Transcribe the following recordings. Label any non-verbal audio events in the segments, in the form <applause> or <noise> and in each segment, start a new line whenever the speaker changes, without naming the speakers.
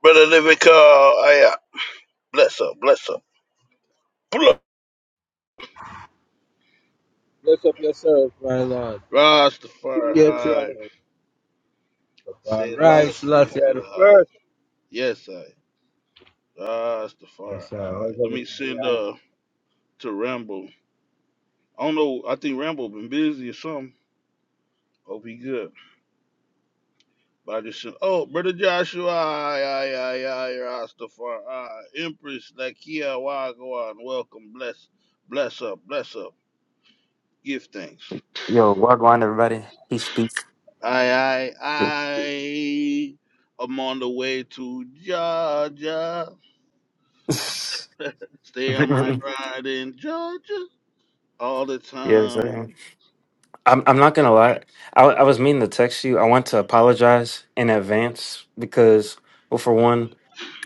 Brother Lyrica, I uh, bless her, bless her. Pull up.
Bless up yourself, my Lord. Yes, you
Rastafari,
are. All
say
right,
last
Selassie at the
high.
first.
Yes, I.
Yes,
Rastafari,
sir. Where's
Let me
everything with
send
that?
uh to Rambo. I don't know. I think Rambo been busy or something. Hope he good. But I just sent. Oh, brother Joshua, I, I, I, I, Rastafari, Empress Lakia Wagwan. Welcome, bless, bless up, bless up. Give thanks.
Yo, wagwan, everybody. Peace, peace.
I, I, I, I'm on the way to Georgia.
Yeah.
Stay on my
<laughs>
grind in Georgia all the
yeah,
time.
sir. I'm. I'm not gonna lie. I, I was meaning to text you. I want to apologize in advance because, well, for one,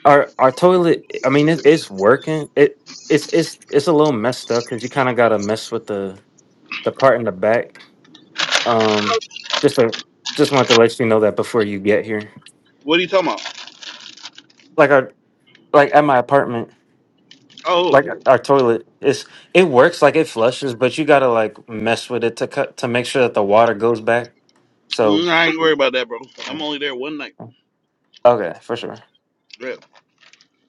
our our toilet. I mean, it, it's working. It it's it's it's a little messed up because you kind of gotta mess with the the part in the back. Um, just to, just want to let you know that before you get here.
What are you talking about?
Like our like at my apartment.
Oh,
like our toilet it's it works like it flushes but you gotta like mess with it to cut to make sure that the water goes back so
mm, I ain't worried about that, bro. I'm only there one night.
okay for sure
Yeah,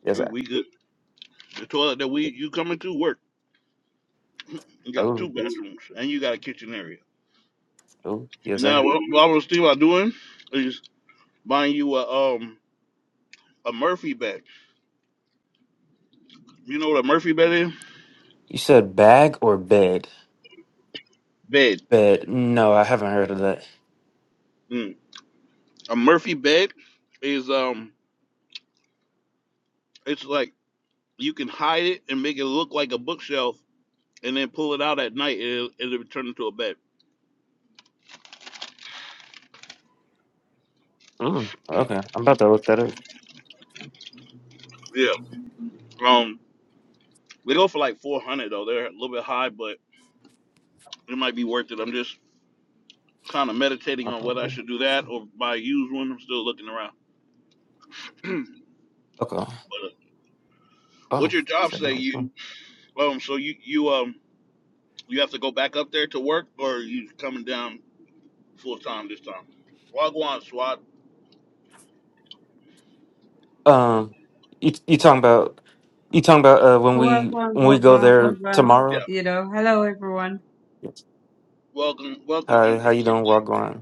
yes
we,
sir
we good. The toilet that we you coming to work. You got two
oh yes-
bathrooms and you got a kitchen area.
oh yes
Now,
sir
what, what I was thinking about doing is buying you a um a Murphy bed. You know what a Murphy bed is?
you said bag or bed
Bed.
bed no i haven't heard of that
Mm. A Murphy bed is um It's like you can hide it and make it look like a bookshelf, and then pull it out at night, and it'll, it'll turn into a bed. <clears throat>
mm, okay i'm about to look that up
Yeah. Um, they go for like 400 though. They're a little bit high, but it might be worth it. I'm just kind of meditating on whether I
Uh-huh.
should do that or buy a used one. I'm still looking around. <clears throat> but
okay
uh, what's
oh
your job say? You um, so you you um you have to go back up there to work, or are you coming down full time this time? Wagwan SWAT.
um you, you talking about you talking about uh when we
Wagwan,
when we go
wagwan,
there
wagwan.
Yeah.
tomorrow
You know, hello everyone.
yes.
Welcome, welcome,
how how
Empress.
you doing walk on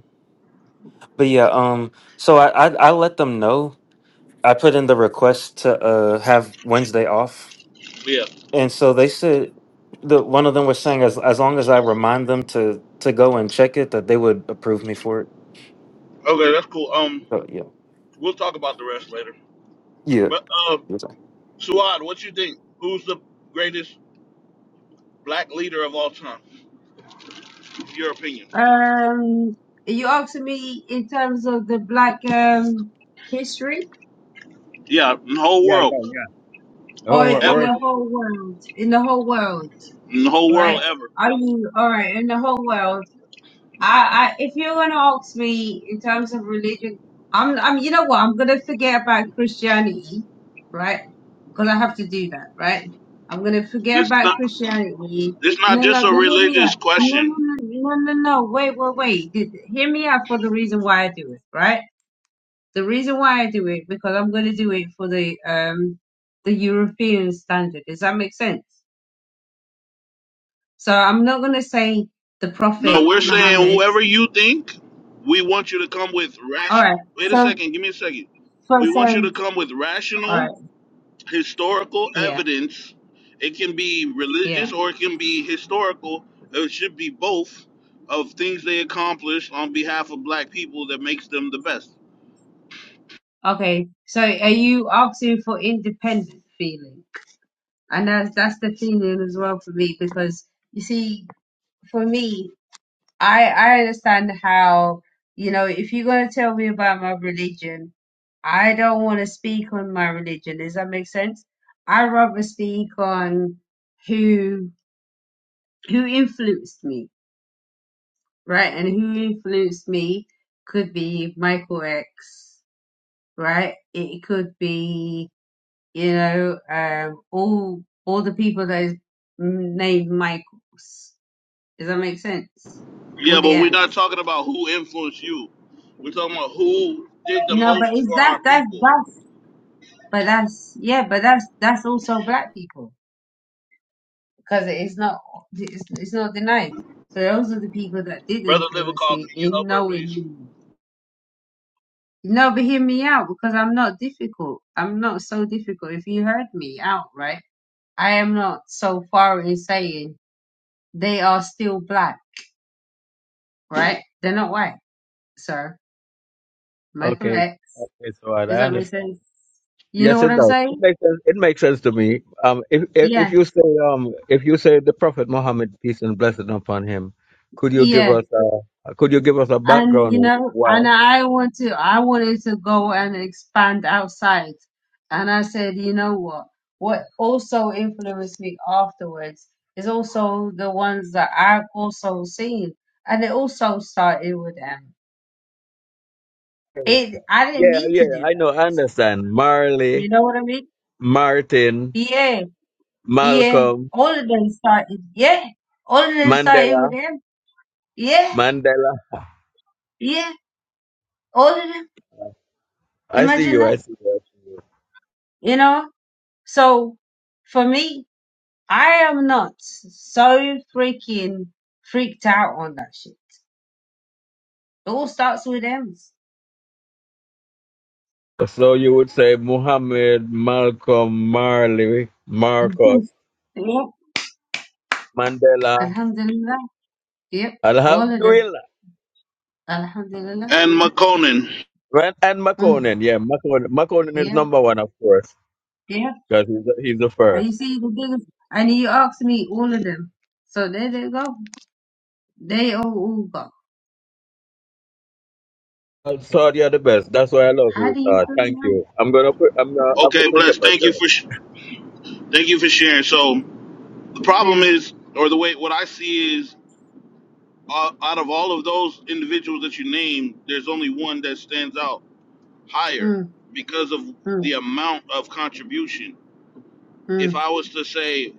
But yeah, um, so I, I I let them know. I put in the request to uh have Wednesday off,
Yeah.
and so they said the one of them was saying as as long as I remind them to to go and check it, that they would approve me for it.
Okay, that's cool. Um,
So yeah,
We'll talk about the rest later.
yeah.
But uh,
it's all-
Suad, what you think? Who's the greatest black leader of all time? Your opinion?
Um, you asked me in terms of the black um history
Yeah, in the whole
Yeah, yeah,
world
yeah. The
or
whole word,
in
where
ever,
is
the
it?
whole world, in the whole world,
in the whole world
right?
ever.
Are you all right in the whole world? I, I if you're gonna ask me in terms of religion, I'm I'm you know what, I'm gonna forget about Christianity, right? Because I have to do that, right? I'm gonna forget
This is
about
not
Christianity.
it's not
No,
just
no,
a
but hear me
religious
out. No, no,
question.
no, no, no, no. Wait, wait, wait. Did- Hear me out for the reason why I do it, right? The reason why I do it because I'm gonna do it for the um the European standard. Does that make sense? So I'm not gonna say the
No,
Prophet
we're saying
Muhammad.
whoever you think, we want you to come with
All
rash.
right.
Wait a
so.
second, give me a second. We
First
want you to
sense.
come with
All
rational
right.
historical
Yeah,
evidence. It can be
yeah.
religious or it can be historical. It should be both of things they accomplished on behalf of black people that makes them the best.
Okay. So are you asking for independent feeling? And that's that's the feeling as well for me because you see, for me, I I understand how, you know, if you're gonna tell me about my religion, I don't wanna speak on my religion. Does that make sense? I rather speak on who who influenced me, right? And who influenced me could be Michael X right? It could be, you know, um, all all the people that is named Michaels. Does that make sense?
Yeah,
All the
but we're not
M's.
talking about who influenced you. We're talking about who did the
No, but
most
it's
for our
that that's
people.
that's but that's yeah, but that's that's also black people because it's not it's, it's not denied. So those are the people that did
Brother
influence
Livercall,
me
can you help
in
her,
knowing
please?
me. No, but hear me out because I'm not difficult. I'm not so difficult. If you heard me out, right? I am not so far in saying they are still black, right? <laughs> They're not white. So Michael
Okay.
X.
Okay, so I
Does
I
that make
understand.
sense? You know
Yes,
what
it
I'm
does. It
saying?
makes sense. It makes sense to me. Um, if, if if
Yeah,
you say um, if you say the Prophet Muhammad peace and blessing upon him, could you give
yeah.
us a could you give us a
And
background
you know,
why?
and I want to, I wanted to go and expand outside. And I said, you know what? What also influenced me afterwards is also the ones that I've also seen, and it also started with them. It, I didn't
Yeah,
mean to
yeah,
do
I
that.
know, I understand. Marley,
You know what I mean?
Martin,
Yeah. Yeah,
Malcolm,
all of them started. Yeah, all of them started with
Mandela,
him. Yeah,
Mandela.
yeah, all of them.
I see
Imagine
you.
that,
I see you.
you know? So for me, I am not so freaking freaked out on that shit. It all starts with them.
So you would say Muhammad, Malcolm, Marley, Marcos,
<laughs> yeah.
Mandela,
Alhamdulillah. Yep, all of them.
Alhamdulillah,
Alhamdulillah.
And McConan.
right? And
Mm.
McConan. Yeah, McConan. McConan is
Yeah,
number one, of course,
yeah.
because he's, the- he's the
And you
first.
see the biggest, and you asked me all of them. So there they go. They all, all got.
Uh, Saudi are the best. That's why I love
How
you,
do you
sir.
feel
Thank
now?
you. I'm gonna put. I'm gonna have to
Okay,
print
bless.
up
Thank you
myself.
for sh- thank you for sharing. So the problem
Yeah.
is, or the way what I see is Uh, out of all of those individuals that you named, there's only one that stands out higher
Mm,
because of the
mm,
amount of contribution. If
mm,
I was to say,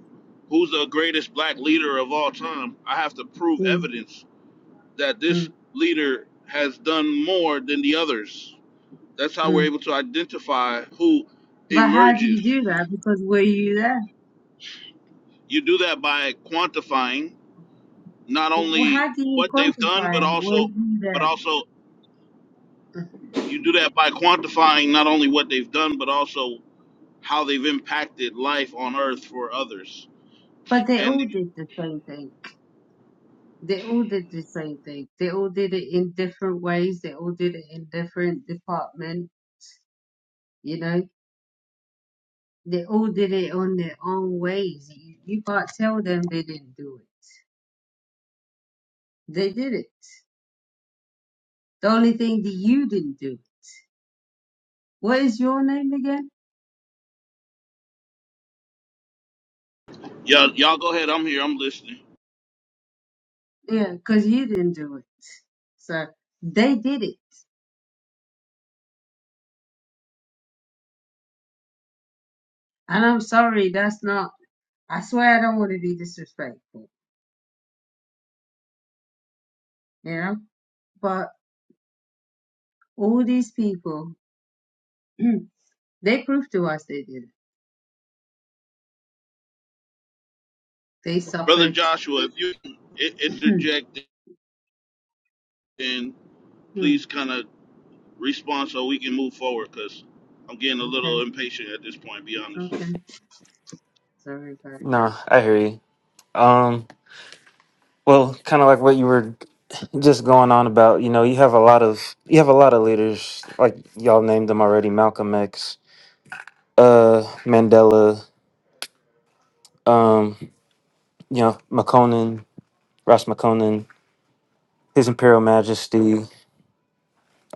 who's the greatest black leader of all time, I have to prove
mm,
evidence that
mm,
this leader has done more than the others. That's how we're
mm.
able to identify who
But how do
emerges.
you do that? Because were you there?
You do that by quantifying not
W-
only
How do you
what they've done, but
quantify? it? Were
also,
you
but
there?
also You do that by quantifying not only what they've done, but also how they've impacted life on earth for others.
But they
And
all did the same thing. They all did the same thing. They all did it in different ways. They all did it in different departments. You know, they all did it on their own ways. You, you can't tell them they didn't do it. They did it. The only thing that you didn't do. What is your name again?
y'all, y'all go ahead. I'm here. I'm listening.
Yeah, because you didn't do it. So they did it. And I'm sorry, that's not, I swear I don't want to be disrespectful, you know? But all these people, <clears throat> they proved to us they did it. They
Brother
suffered.
Joshua, if you can i-
<clears throat>
interject and
Hmm,
please kind of respond so we can move forward because I'm getting a
okay,
little impatient at this point, be honest.
okay. Sorry about that.
Nah, I hear you. Um, well, kind of like what you were just going on about. You know, you have a lot of you have a lot of leaders like y'all named them already: Malcolm X, uh, Mandela, um, you know, McConan Ross McConan, His Imperial Majesty,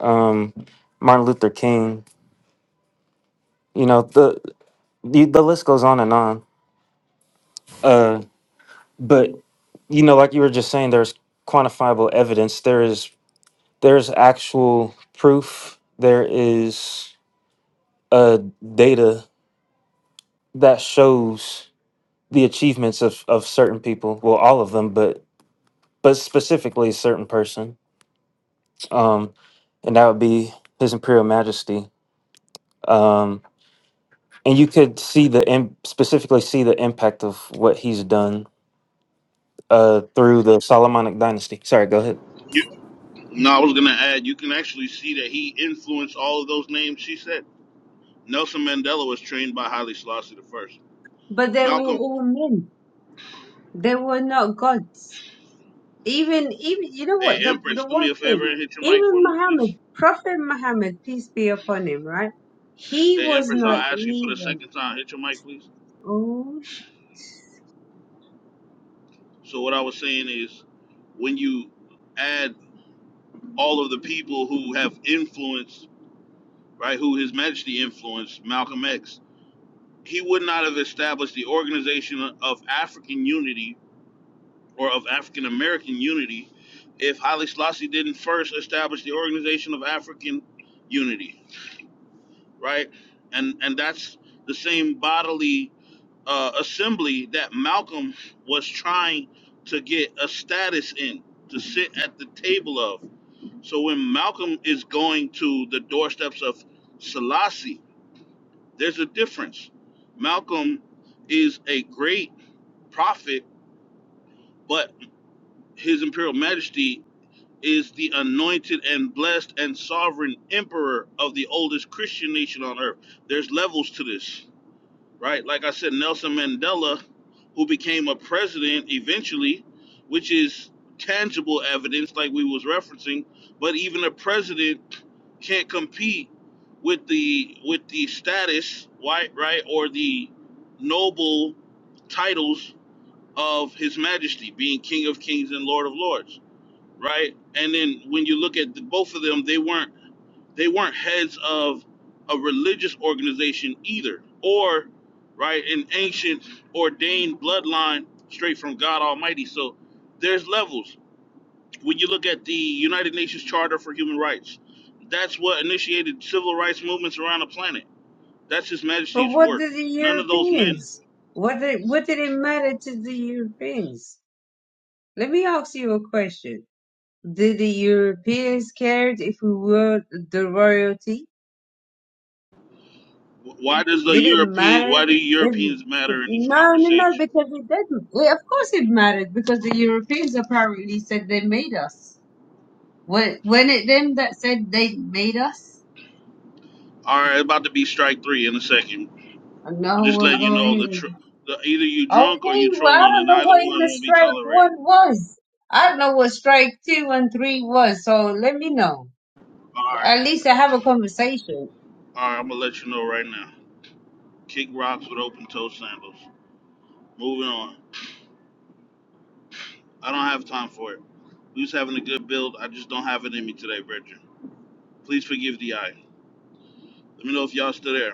um, Martin Luther King. You know the, the the list goes on and on. Uh, but you know, like you were just saying, there's quantifiable evidence. There is there's actual proof. There is uh, data that shows the achievements of of certain people. Well, all of them, but but specifically a certain person. Um, and that would be His Imperial Majesty. Um, and you could see the im- specifically see the impact of what he's done uh through the Solomonic dynasty. Sorry, go ahead.
You, no, I was going to add, you can actually see that he influenced all of those names she said. Nelson Mandela was trained by Haile Selassie the first.
But they were
Malcolm,
all men. They were not gods. Even, even, you know what?
hey,
The,
Empress,
the
do
one
me a
thing,
favor and hit your mic for
even
me, please.
Muhammad, Prophet Muhammad, peace be upon him, right? He
Hey,
was
Empress, I'll
not
ask you for the
evil.
second time. Hit your mic, please.
Oh, sh-
So, what I was saying is, when you add all of the people who have influenced, right, who His Majesty influenced, Malcolm X, he would not have established the Organization of African Unity or of African American Unity if Haile Selassie didn't first establish the Organization of African Unity, right? And and that's the same bodily uh, assembly that Malcolm was trying to get a status in to sit at the table of. So when Malcolm is going to the doorsteps of Selassie, there's a difference. Malcolm is a great prophet, but his imperial majesty is the anointed and blessed and sovereign emperor of the oldest Christian nation on earth. There's levels to this. right? Like I said, Nelson Mandela, who became a president eventually, which is tangible evidence, like we was referencing. But even a president can't compete with the with the status, right, right, or the noble titles of His Majesty, being King of Kings and Lord of Lords, right? And then when you look at the, both of them, they weren't they weren't heads of a religious organization either, or right an ancient ordained bloodline straight from God Almighty. So there's levels. When you look at the United Nations Charter for Human Rights, that's what initiated civil rights movements around the planet. That's His
but
Majesty's
what
work.
did the
None of those men.
Europeans? What did what did it matter to the Europeans? Let me ask you a question. Did the Europeans care if we were the royalty?
Why does the
Did it
European?
matter?
Why do
If,
Europeans matter in this
no, no, no,
conversation?
because it didn't. Well, of course it mattered because the Europeans apparently said they made us. When, when it them that said they made us,
All right, about to be strike three in a second. I'm
no,
just
we'll
letting you
go
know the,
here.
tr- the either you drunk or
Okay,
you
well, I
trolling,
don't
and
know
either
what in
one
the
won't be
strike
tolerated.
one was. I don't know what strike two and three was, so let me know.
All right,
At least I have a conversation.
all right. I'm gonna let you know right now. Kick rocks with open toe sandals. Moving on. I don't have time for it. We was having a good build. I just don't have it in me today, Bridger. Please forgive the eye. Let me know if y'all still there.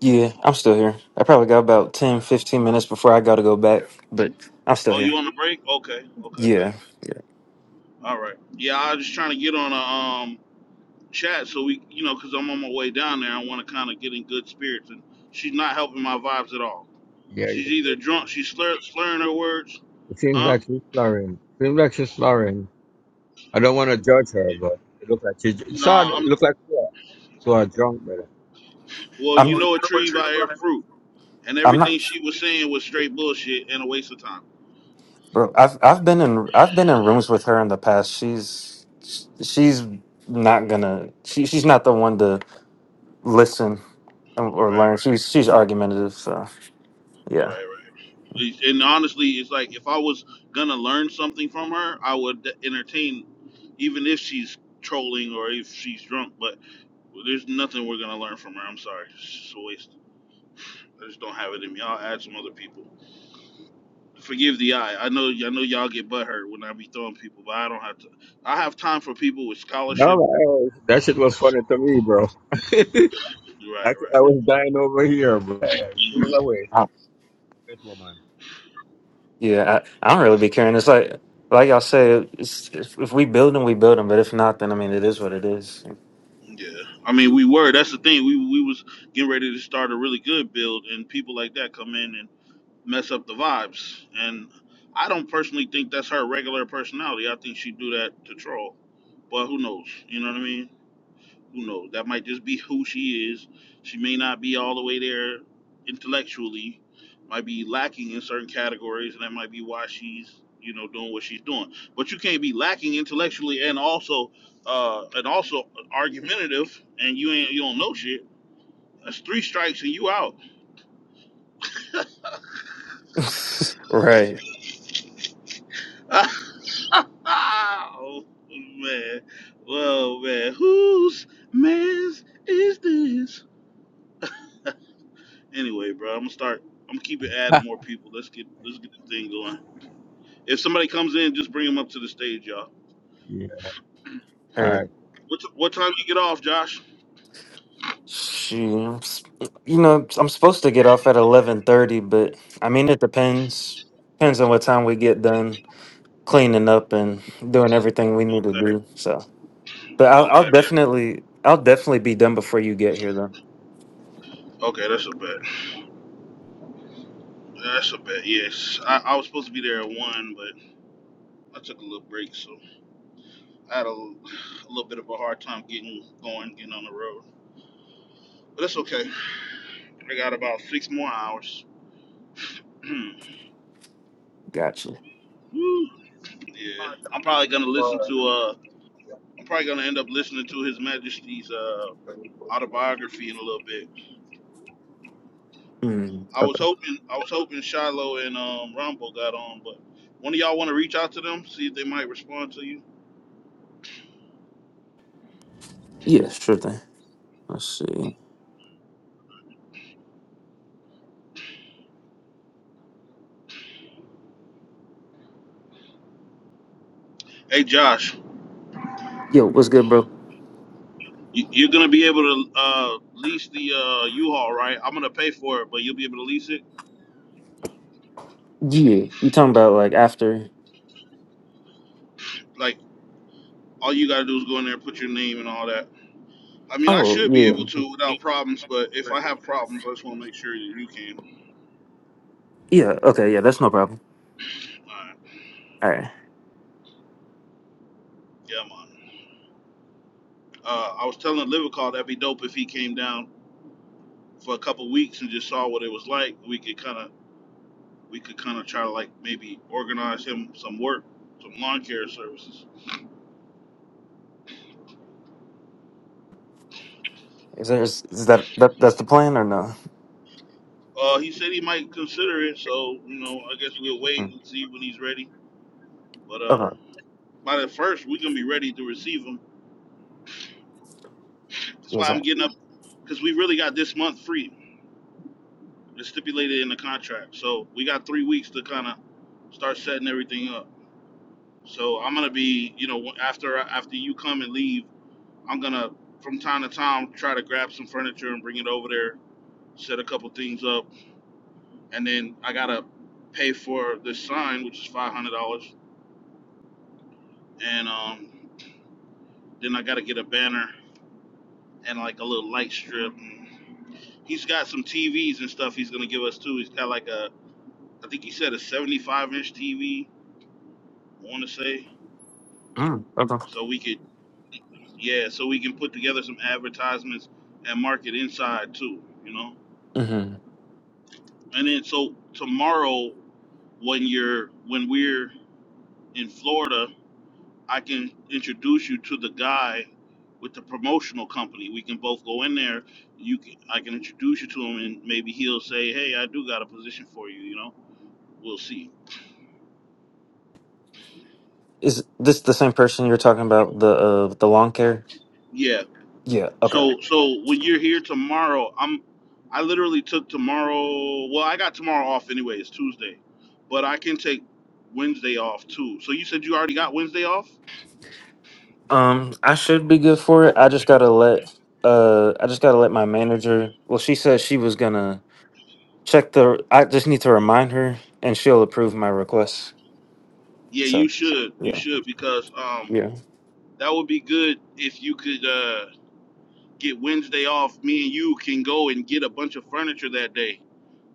Yeah, I'm still here. I probably got about 10, 15 minutes before I got to go back, but I'm still
Oh, you
here.
on the break? Okay, okay, bet.
Yeah.
All right. Yeah, I was just trying to get on a um chat so we, you know, 'cause I'm on my way down there. I want to kind of get in good spirits, and she's not helping my vibes at all.
Yeah,
She's
you
either
you-
drunk, she's
you-
slur- slurring her words,
it seems
huh?
like she's snoring. Seems like she's snoring. I don't want to judge her, but it looks like she.
Nah,
Sad. It
I'm.
looks like she. So I drunk,
Well,
I'm
you know a tree by her fruit, and
I'm
everything
not
she was saying was straight bullshit and a waste of time.
bro. I've I've been in I've been in rooms with her in the past. She's she's not gonna she, she's not the one to listen or
Right,
learn.
right,
She's she's argumentative, so yeah.
right, right. And honestly, it's like if I was gonna learn something from her, I would entertain, even if she's trolling or if she's drunk. But there's nothing we're gonna learn from her. I'm sorry, it's just a waste. I just don't have it in me. I'll add some other people. forgive the eye. I know I know y'all get butthurt when I be throwing people, but I don't have to. I have time for people with
No,
scholarship.
I- that shit was
That's
funny to me, bro. <laughs> I,
right,
I
right.
was dying over here, bro. She was
hmm
away.
Mm-hmm.
Great woman.
Yeah, I, I don't really be caring. It's like, like y'all say, it's, if, if we build them, we build them. But if not, then I mean, it is what it is.
Yeah, I mean we were. That's the thing. We we was getting ready to start a really good build, and people like that come in and mess up the vibes. And I don't personally think that's her regular personality. I think she do that to troll. But who knows? You know what I mean? Who knows? That might just be who she is. She may not be all the way there intellectually, might be lacking in certain categories, and that might be why she's, you know, doing what she's doing. But you can't be lacking intellectually and also uh and also argumentative and you ain't you don't know shit. That's three strikes and you out.
<laughs> Right.
<laughs> oh man. Well man, whose mess is this? Anyway, bro, I'm gonna start. I'm gonna keep it adding more people. Let's get let's get this thing
<laughs>
going. If somebody comes in, just bring them up to the stage, y'all.
Yeah. All
Right.
right.
What, t- what time you get off, Josh?
Shoot, you know, I'm supposed to get off at 11:30, but I mean, it depends. Depends on what time we get done cleaning up and doing everything we need to
Okay,
do. So, but I'll, I'll
okay,
definitely, I'll definitely be done before you get here, though.
okay. That's a bet. That's a bet. Yes, I, I was supposed to be there at one, but I took a little break, so I had a, l- a little bit of a hard time getting going, getting on the road. But that's okay. I got about six more hours. <clears throat>
Gotcha.
Woo. Yeah, I'm probably gonna listen to. Uh, I'm probably gonna end up listening to His Majesty's uh autobiography in a little bit.
Mm,
I was
okay.
hoping I was hoping Shiloh and um, Rumble got on, but one of y'all want to reach out to them, see if they might respond to you.
Yeah, sure thing. Let's see.
Hey Josh,
Yo, what's good, bro?
you, you're gonna be able to uh, lease the uh, U-Haul, right? I'm gonna pay for it, but you'll be able to lease it.
Yeah, you talking about like after?
Like all you gotta do is go in there and put your name and all that. I mean, I
Oh
should be
yeah,
able to without problems, but if I have problems, I just want to make sure that you can.
yeah. Okay, yeah, that's no problem.
All right,
All right,
yeah, man. Uh, I was telling Livercall that'd be dope if he came down for a couple weeks and just saw what it was like. We could kind of we could kind of try to like maybe organize him some work, some lawn care services.
is there is, is that that that's the plan or no?
Uh, he said he might consider it, so you know, I guess we'll wait
Mm.
and see when he's ready. But um,
Okay,
by the first, we're gonna be ready to receive him. That's why
what's
I'm
that?
getting up because we really got this month free. It's stipulated in the contract, so we got three weeks to kind of start setting everything up. So I'm gonna be, you know, after after you come and leave, I'm gonna from time to time try to grab some furniture and bring it over there, set a couple things up and then I gotta pay for the sign, which is five hundred dollars, and um, then I gotta get a banner and like a little light strip. And he's got some TVs and stuff he's gonna give us too. He's got like a, I think he said a seventy-five inch TV. I want to say,
Mm, okay.
so we could, yeah, so we can put together some advertisements and market inside too, you know.
hmm
And then so tomorrow, when you're when we're in Florida I can introduce you to the guy with the promotional company. We can both go in there. You can, I can introduce you to him, and maybe he'll say, "Hey, I do got a position for you." You know, we'll see.
Is this the same person you're talking about the uh the lawn care?
Yeah.
Yeah. Okay.
So, so when you're here tomorrow, I'm, I literally took tomorrow. Well, I got tomorrow off anyway. It's Tuesday, but I can take Wednesday off too. So you said you already got Wednesday off?
Um, I should be good for it. I just gotta let uh I just gotta let my manager. Well, she said she was gonna check the. I just need to remind her, and she'll approve my request.
Yeah, you should. You
Yeah.
should because um,
Yeah.
that would be good if you could. Uh, get Wednesday off, me and you can go and get a bunch of furniture that day.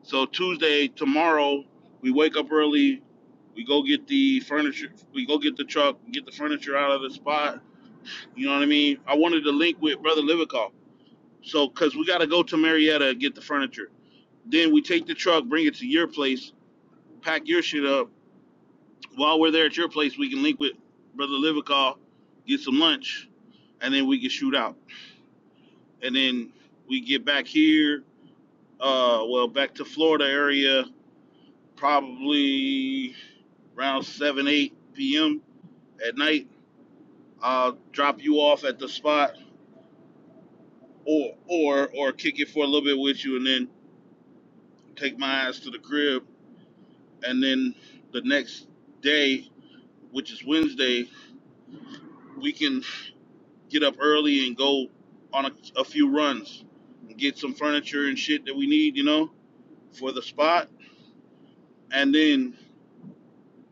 So Tuesday, tomorrow, we wake up early, we go get the furniture, we go get the truck, get the furniture out of the spot. You know what I mean? I wanted to link with Brother Livakoff. So, because we got to go to Marietta and get the furniture. Then we take the truck, bring it to your place, pack your shit up. While we're there at your place, we can link with Brother Livakoff, get some lunch, and then we can shoot out. And then we get back here Uh, well, back to Florida area, probably around 7, 8 p.m. at night. I'll drop you off at the spot or, or, or kick it for a little bit with you and then take my ass to the crib. And then the next day, which is Wednesday, we can get up early and go on a, a few runs and get some furniture and shit that we need, you know, for the spot. And then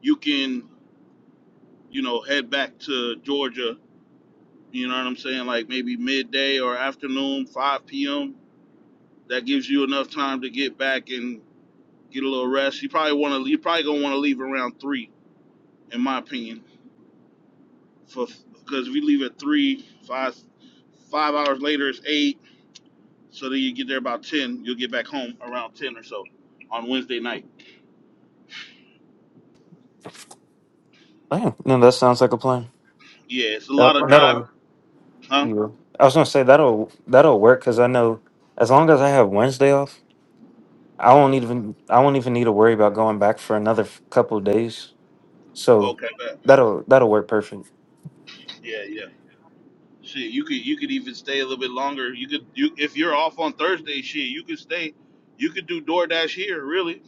you can, you know, head back to Georgia You know what I'm saying? Like maybe midday or afternoon, 5 p.m. That gives you enough time to get back and get a little rest. You probably want to. You probably gonna want to leave around three, in my opinion, for because if you leave at three, five, five hours later it's eight. So then you get there about ten. You'll get back home around ten or so on Wednesday night.
Oh, yeah. No, that sounds like a plan.
Yeah, it's a
That,
lot of driving,
that'll.
huh?
you. I was gonna say that'll that'll work because I know as long as I have Wednesday off, I won't even I won't even need to worry about going back for another f- couple of days. So
Okay, bet.
that'll that'll work perfect.
Yeah, yeah. Shit, you could you could even stay a little bit longer. You could you if you're off on Thursday, shit, you could stay. You could do DoorDash here, really.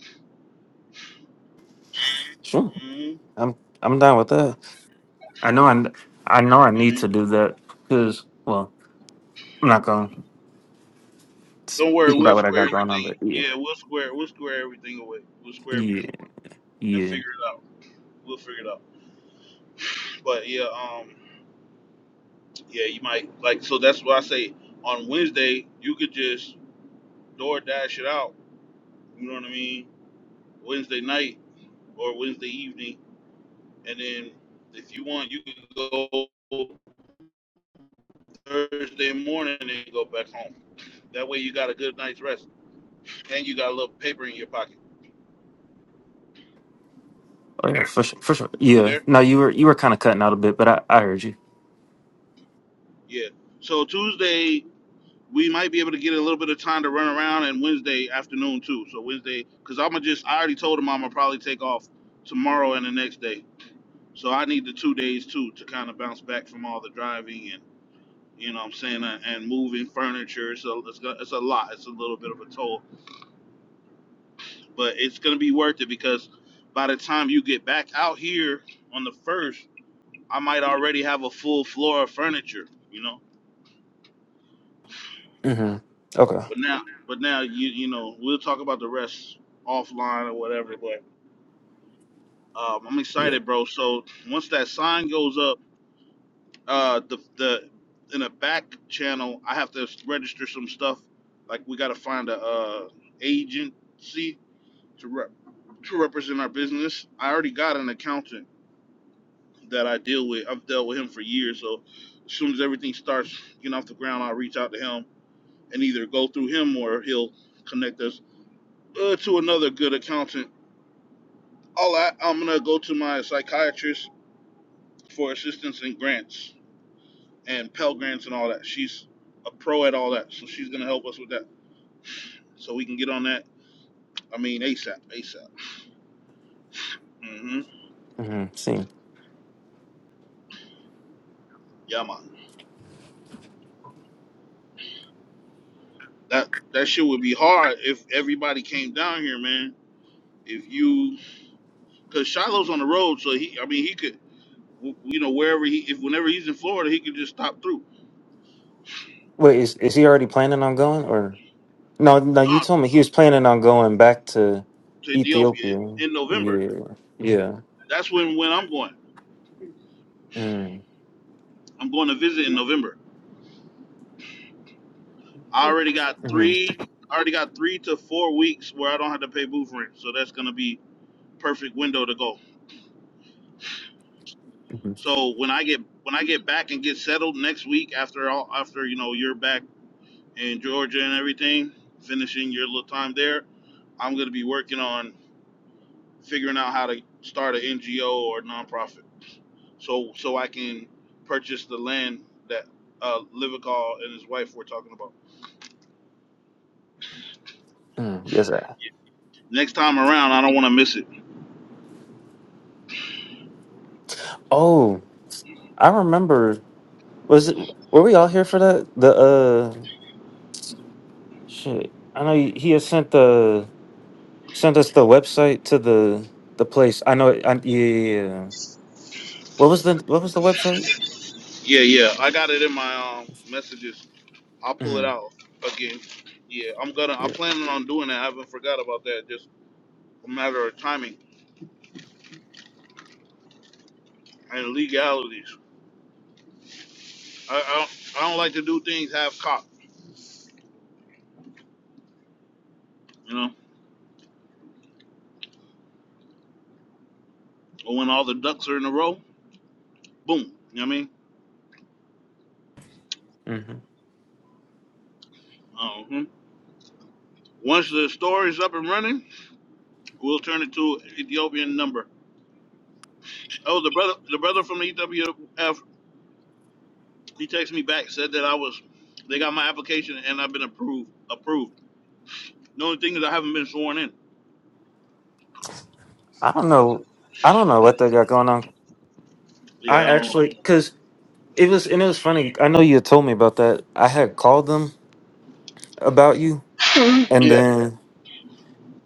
Sure.
Mm-hmm.
I'm I'm down with that. I know I n- I know I need
Mm-hmm.
to do that because well I'm not gonna
Don't worry,
speak about
we'll
what I
square
got going on,
everything.
but yeah
Yeah, we'll square we'll square everything away. We'll square
yeah
everything away and
yeah
figure it out. We'll figure it out. But yeah, um, yeah, you might like so that's why I say on Wednesday you could just DoorDash it out. You know what I mean? Wednesday night or Wednesday evening, and then if you want, you can go. Thursday morning and go back home. That way you got a good night's rest and you got a little paper in your pocket.
oh yeah for sure for sure
You
yeah.
there?
No, you were you were kind of cutting out a bit, but I I heard you.
Yeah. So Tuesday we might be able to get a little bit of time to run around and Wednesday afternoon too. So Wednesday, because I'm gonna just I already told him I'm gonna probably take off tomorrow and the next day. So I need the two days too to kind of bounce back from all the driving and you know what I'm saying and moving furniture. So it's got- it's a lot. It's a little bit of a toll but it's gonna be worth it because by the time you get back out here on the first, I might already have a full floor of furniture, you know.
Mm-hmm. Okay.
But now, but now you you know we'll talk about the rest offline or whatever. But um, I'm excited, bro. So once that sign goes up, uh, the the in the back channel, I have to register some stuff. Like we gotta find a uh, agency to rep- to represent our business. I already got an accountant that I deal with. I've dealt with him for years, so as soon as everything starts getting off the ground, I'll reach out to him and either go through him or he'll connect us uh, to another good accountant. All I, I'm gonna go to my psychiatrist for assistance and grants and Pell grants and all that. She's a pro at all that, so she's gonna help us with that, so we can get on that. I mean, ASAP, ASAP. hmm
Mm-hmm. See.
Yeah, man. That that shit would be hard if everybody came down here, man. If you, cause Shiloh's on the road, so he, I mean, he could w- you know, wherever he, if whenever he's in Florida, he could just stop through
Wait, is is he already planning on going or? No, no, you
uh,
told me he was planning on going back to
to Ethiopia
Ethiopia.
in
Yeah,
November.
yeah.
That's when when I'm going.
Mm,
I'm going to visit in November. I already got
mm,
three. I already got three to four weeks where I don't have to pay booth rent, so that's gonna be perfect window to go.
mm,
So when I get when I get back and get settled next week after all after you know you're back in Georgia and everything, finishing your little time there, I'm gonna be working on figuring out how to start an NGO or nonprofit. so so I can purchase the land that uh, Livical and his wife were talking about.
mm. Yes, sir.
Next time around, I don't want to miss it.
Oh, I remember. Was it? Were we all here for that? The uh, shit. I know he he had sent the sent us the website to the the place. I know. it- I, yeah, yeah, yeah. What was the What was the website?
Yeah, yeah, I got it in my um, messages. I'll pull it
Mm,
out again. Yeah, I'm gonna. I'm
yeah.
planning on doing that. I haven't forgot about that. Just a matter of timing and legalities. I I don't, I don't like to do things half cocked. You know, but when all the ducks are in a row, boom. You know what I mean?
hmm
Uh-huh. Once the store is up and running, we'll turn it to Ethiopian number. Oh, the brother, the brother from the EWF, he texted me back, said that I was, they got my application and I've been approved. Approved. The only thing is I haven't been sworn in.
I don't know. I don't know what they got going on. I
Yeah, um,
actually, because It was and it was funny. I know you had told me about that. I had called them about you, and
Yeah.
then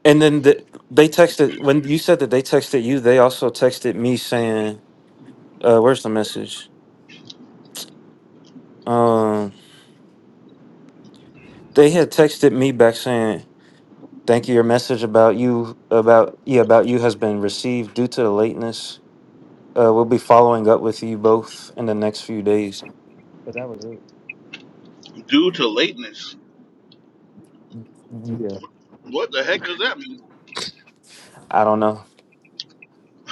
and then the, they texted when you said that they texted you. They also texted me saying, uh, "Where's the message?" Um, they had texted me back saying, "Thank you. Your message about you about yeah about you has been received due to the lateness. Uh, we'll be following up with you both in the next few days."
due to lateness.
Yeah,
What the heck does that mean?
I don't know.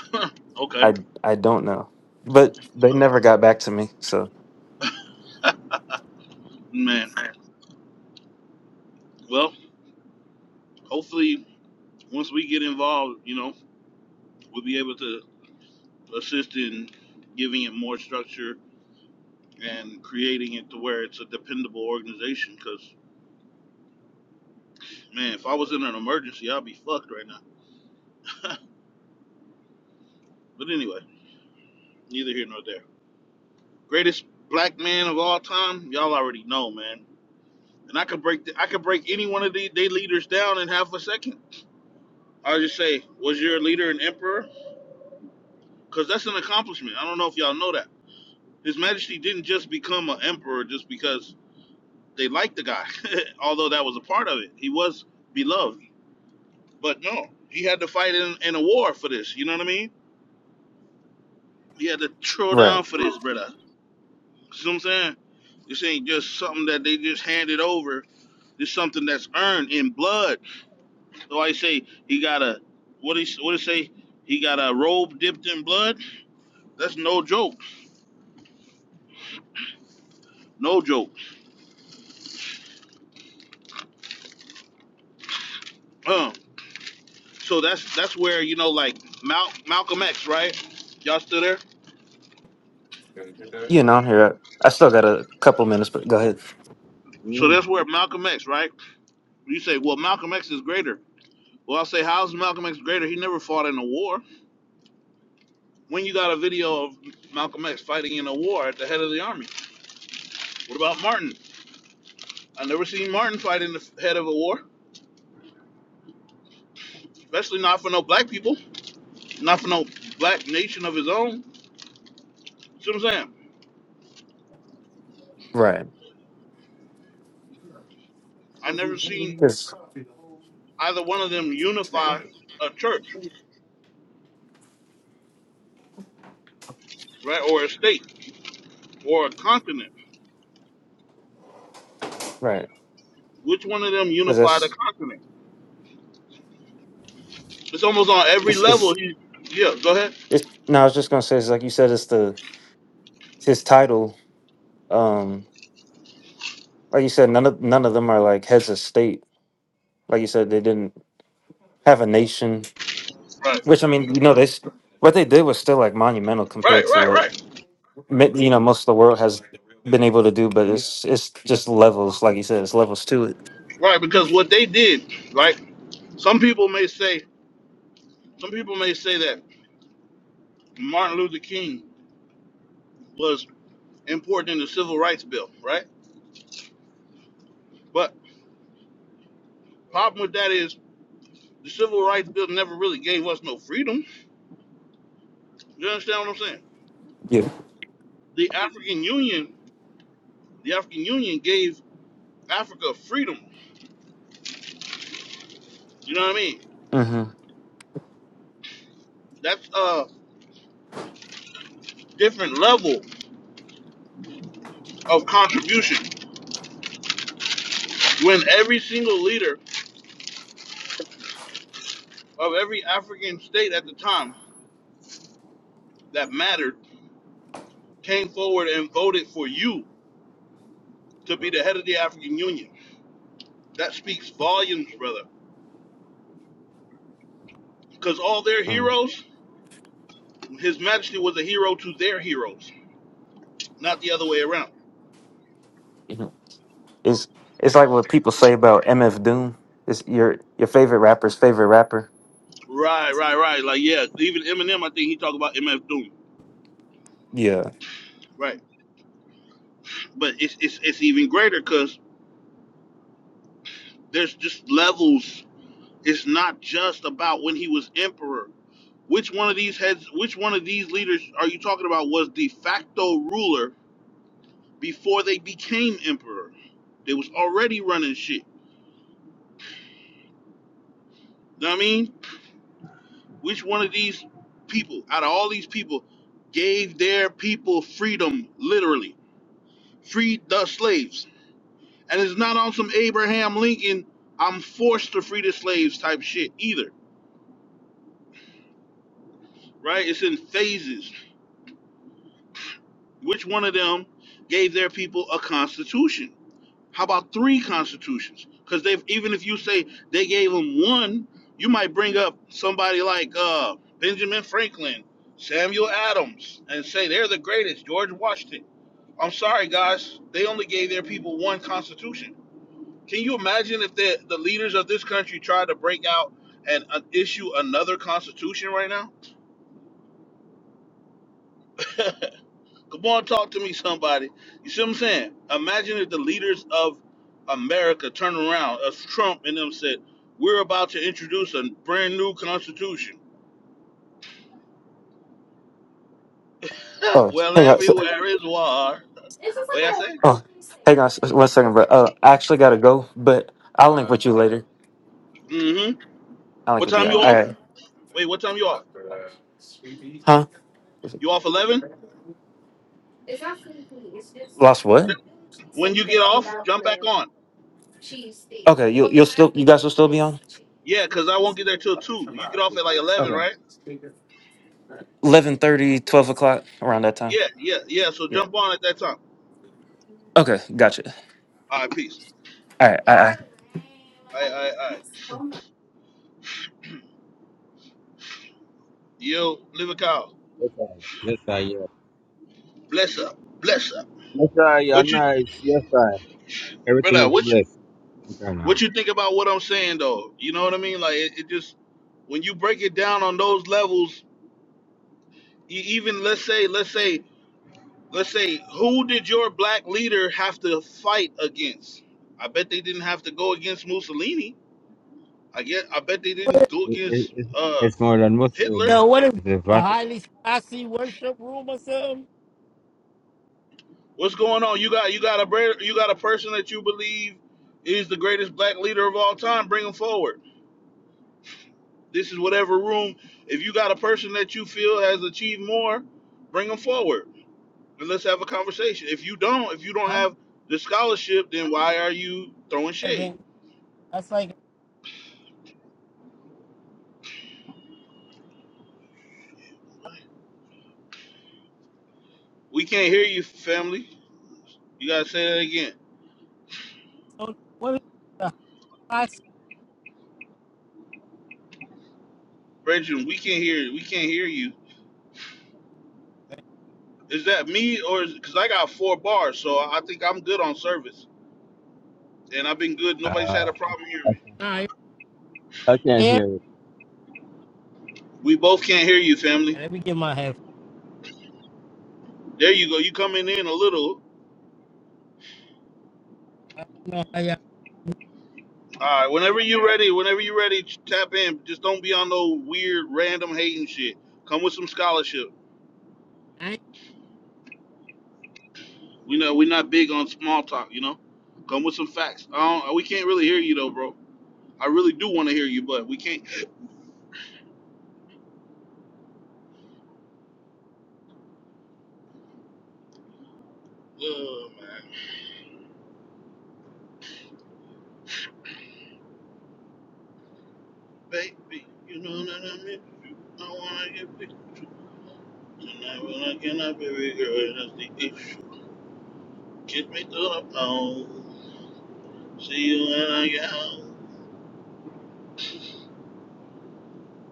<laughs> okay,
I I don't know, but they never got back to me. So
man. Well, hopefully, once we get involved, you know, we'll be able to assist in giving it more structure and creating it to where it's a dependable organization. Because man, if I was in an emergency, I'd be fucked right now. <laughs> But anyway, neither here nor there. Greatest black man of all time, y'all already know, man. And I could break, the, I could break any one of the, their leaders down in half a second. I'll just say, was your leader an emperor? Because that's an accomplishment. I don't know if y'all know that. His Majesty didn't just become an emperor just because they liked the guy, <laughs> although that was a part of it. He was beloved. But no, he had to fight in, in a war for this. You know what I mean? He had to throw
right.
down for this, brother. See what I'm saying? This ain't just something that they just handed over. This is something that's earned in blood. So I say he got a what he what he say? He got a robe dipped in blood. That's no joke. No joke. Um. So that's that's where you know like Mal- Malcolm X, right? Y'all still there?
You know, here I still got a couple minutes, but go ahead.
So
Mm.
that's where Malcolm X, right? You say, well, Malcolm X is greater. Well, I say, how's Malcolm X greater? He never fought in a war. When you got a video of Malcolm X fighting in a war at the head of the army. What about Martin? I never seen Martin fight in the head of a war, especially not for no black people, not for no black nation of his own. See what I'm saying?
Right,
I never seen
'Cause-
either one of them unify a church, right, or a state, or a continent.
right,
Which one of them
because
unified a
that's
continent? It's almost on every
it's
level.
it's
He, yeah, go ahead.
it's. No, I was just gonna say, it's like you said, it's the it's his title. Um, like you said, none of none of them are like heads of state. Like you said, they didn't have a nation.
Right,
Which I mean, you know, they s- what they did was still like monumental
right,
compared to
right,
what
right,
mi- you know most of the world has been able to do. But it's it's just levels, like you said, it's levels to it.
right. Because what they did, right? Some people may say, some people may say that Martin Luther King was important in the Civil Rights Bill, right? But problem with that is the Civil Rights Bill never really gave us no freedom. You understand what I'm saying?
Yeah.
The African Union The African Union gave Africa freedom. You know what I mean?
Mm-hmm.
That's a different level of contribution. When every single leader of every African state at the time that mattered came forward and voted for you to be the head of the African Union. That speaks volumes, brother. Because all their heroes, His Majesty was a hero to their heroes, not the other way around.
It's it's like what people say about MF Doom. It's your your favorite rapper's favorite rapper.
Right, right, right. Like yeah, even Eminem, I think he talked about MF Doom.
Yeah.
Right, but it's it's, it's even greater because There's just levels. It's not just about when he was emperor. Which one of these heads, which one of these leaders are you talking about was de facto ruler before they became emperor? They was already running shit. Know what I mean? Which one of these people, out of all these people, gave their people freedom, literally? Freed the slaves. And it's not on some Abraham Lincoln, I'm forced to free the slaves type shit either. Right? It's in phases Which one of them gave their people a constitution? How about three constitutions? Because they've even if you say they gave them one, you might bring up somebody like uh, Benjamin Franklin, Samuel Adams, and say they're the greatest. George Washington. I'm sorry, guys, they only gave their people one constitution. Can you imagine if the the leaders of this country tried to break out and uh, issue another constitution right now? <laughs> Come on, talk to me, somebody. You see what I'm saying? Imagine if the leaders of America turned around, as Trump and them said, we're about to introduce a brand new constitution. <laughs>
Oh,
well,
hang on. So,
everywhere is war. What did I say?
oh, hang on s- one second, bro. Uh, I actually gotta go, but I'll link with you
Okay.
later.
Mm-hmm.
I'll link
What
with you.
time you
All
off?
right.
Wait, what time you off?
Huh?
You off 11?
Lost what?
When you get off, jump back on.
Okay, you you'll still you guys will still be on.
Yeah, cause I won't get there till 2. You get off at like 11,
Okay.
right?
Eleven thirty, twelve o'clock around that time.
Yeah, yeah, yeah. So
Yeah.
jump on at that time.
Okay, gotcha.
All right, peace.
All right.
All right,
I,
all right, all right. Yo, live a cow.
Yes, I. Yes, I. Yeah.
Bless up. Bless up.
Yes, I. You're
What you
nice. Yes, I. Everything
brother.
is
What you
blessed. Okay,
what
now.
you think about what I'm saying though? You know what I mean? Like it, it just when you break it down on those levels, you even let's say let's say let's say who did your black leader have to fight against? I bet they didn't have to go against Mussolini. I get I bet they
What
didn't
is,
go
It, it,
against
it,
uh
it's more than
Hitler.
Muslim.
yo, what is
It's a
a
Vatican.
highly classy worship room or something?
What's going on? You got you got a bre- you got a person that you believe is the greatest black leader of all time. Bring him forward. This is whatever room. If you got a person that you feel has achieved more, bring them forward and let's have a conversation. If you don't, if you don't
I'm
have the scholarship, then why are you throwing
not
shade?
even. That's like
We can't hear you, family. You gotta say that again,
so. What is a classy?
Brendan. We can't hear. you. We can't hear you. Is that me or is because I got four bars, so I think I'm good on service, and I've been good. Nobody's had
Uh,
a problem
I,
hearing me.
Nah, you
I can't
hear me?
hear it.
We both can't hear you, family.
Let me get my head.
There you go. You coming in a little.
I don't know how
All right, whenever you're ready, whenever you're ready, ch- tap in. Just don't be on no weird, random hating shit. Come with some scholarship.
y'all.
We know we're not big on small talk, you know. Come with some facts. I don't, we can't really hear you though, bro. I really do want to hear you, but we can't. Oh man, baby, you know that I miss you. I wanna get with you tonight when I cannot be with you. That's the issue. Kiss me through the bone. See you when I get home,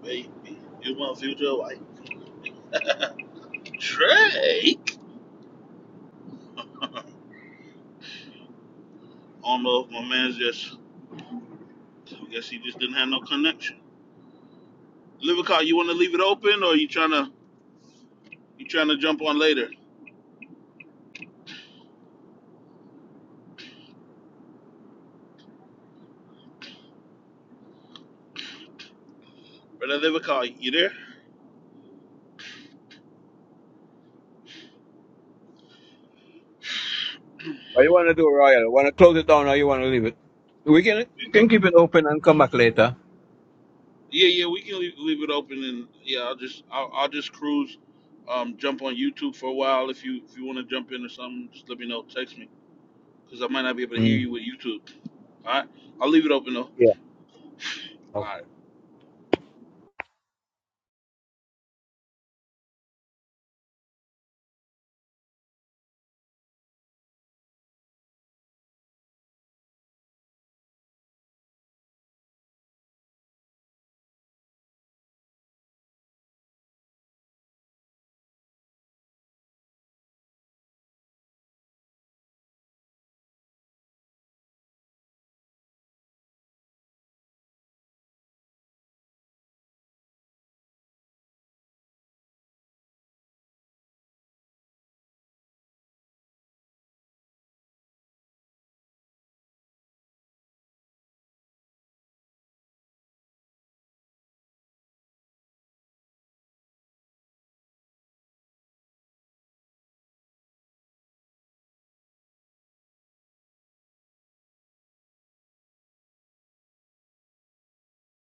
baby. You my future wife, Trey. I don't know if my man's just. I guess he just didn't have no connection. Livicar, you want to leave it open, or you trying to you trying to jump on later? Brother Livicar, you there?
What you want to do, Royal? You want to close it down or you want to leave it? We can, we can keep it open and come back later.
Yeah, yeah, we can leave, leave it open, and yeah, I'll just I'll, I'll just cruise, um, jump on YouTube for a while. If you if you want to jump in or something, just let me know. Text me, cause I might not be able to hear
Mm.
you with YouTube. All right, I'll leave it open though.
Yeah.
All right.
Okay.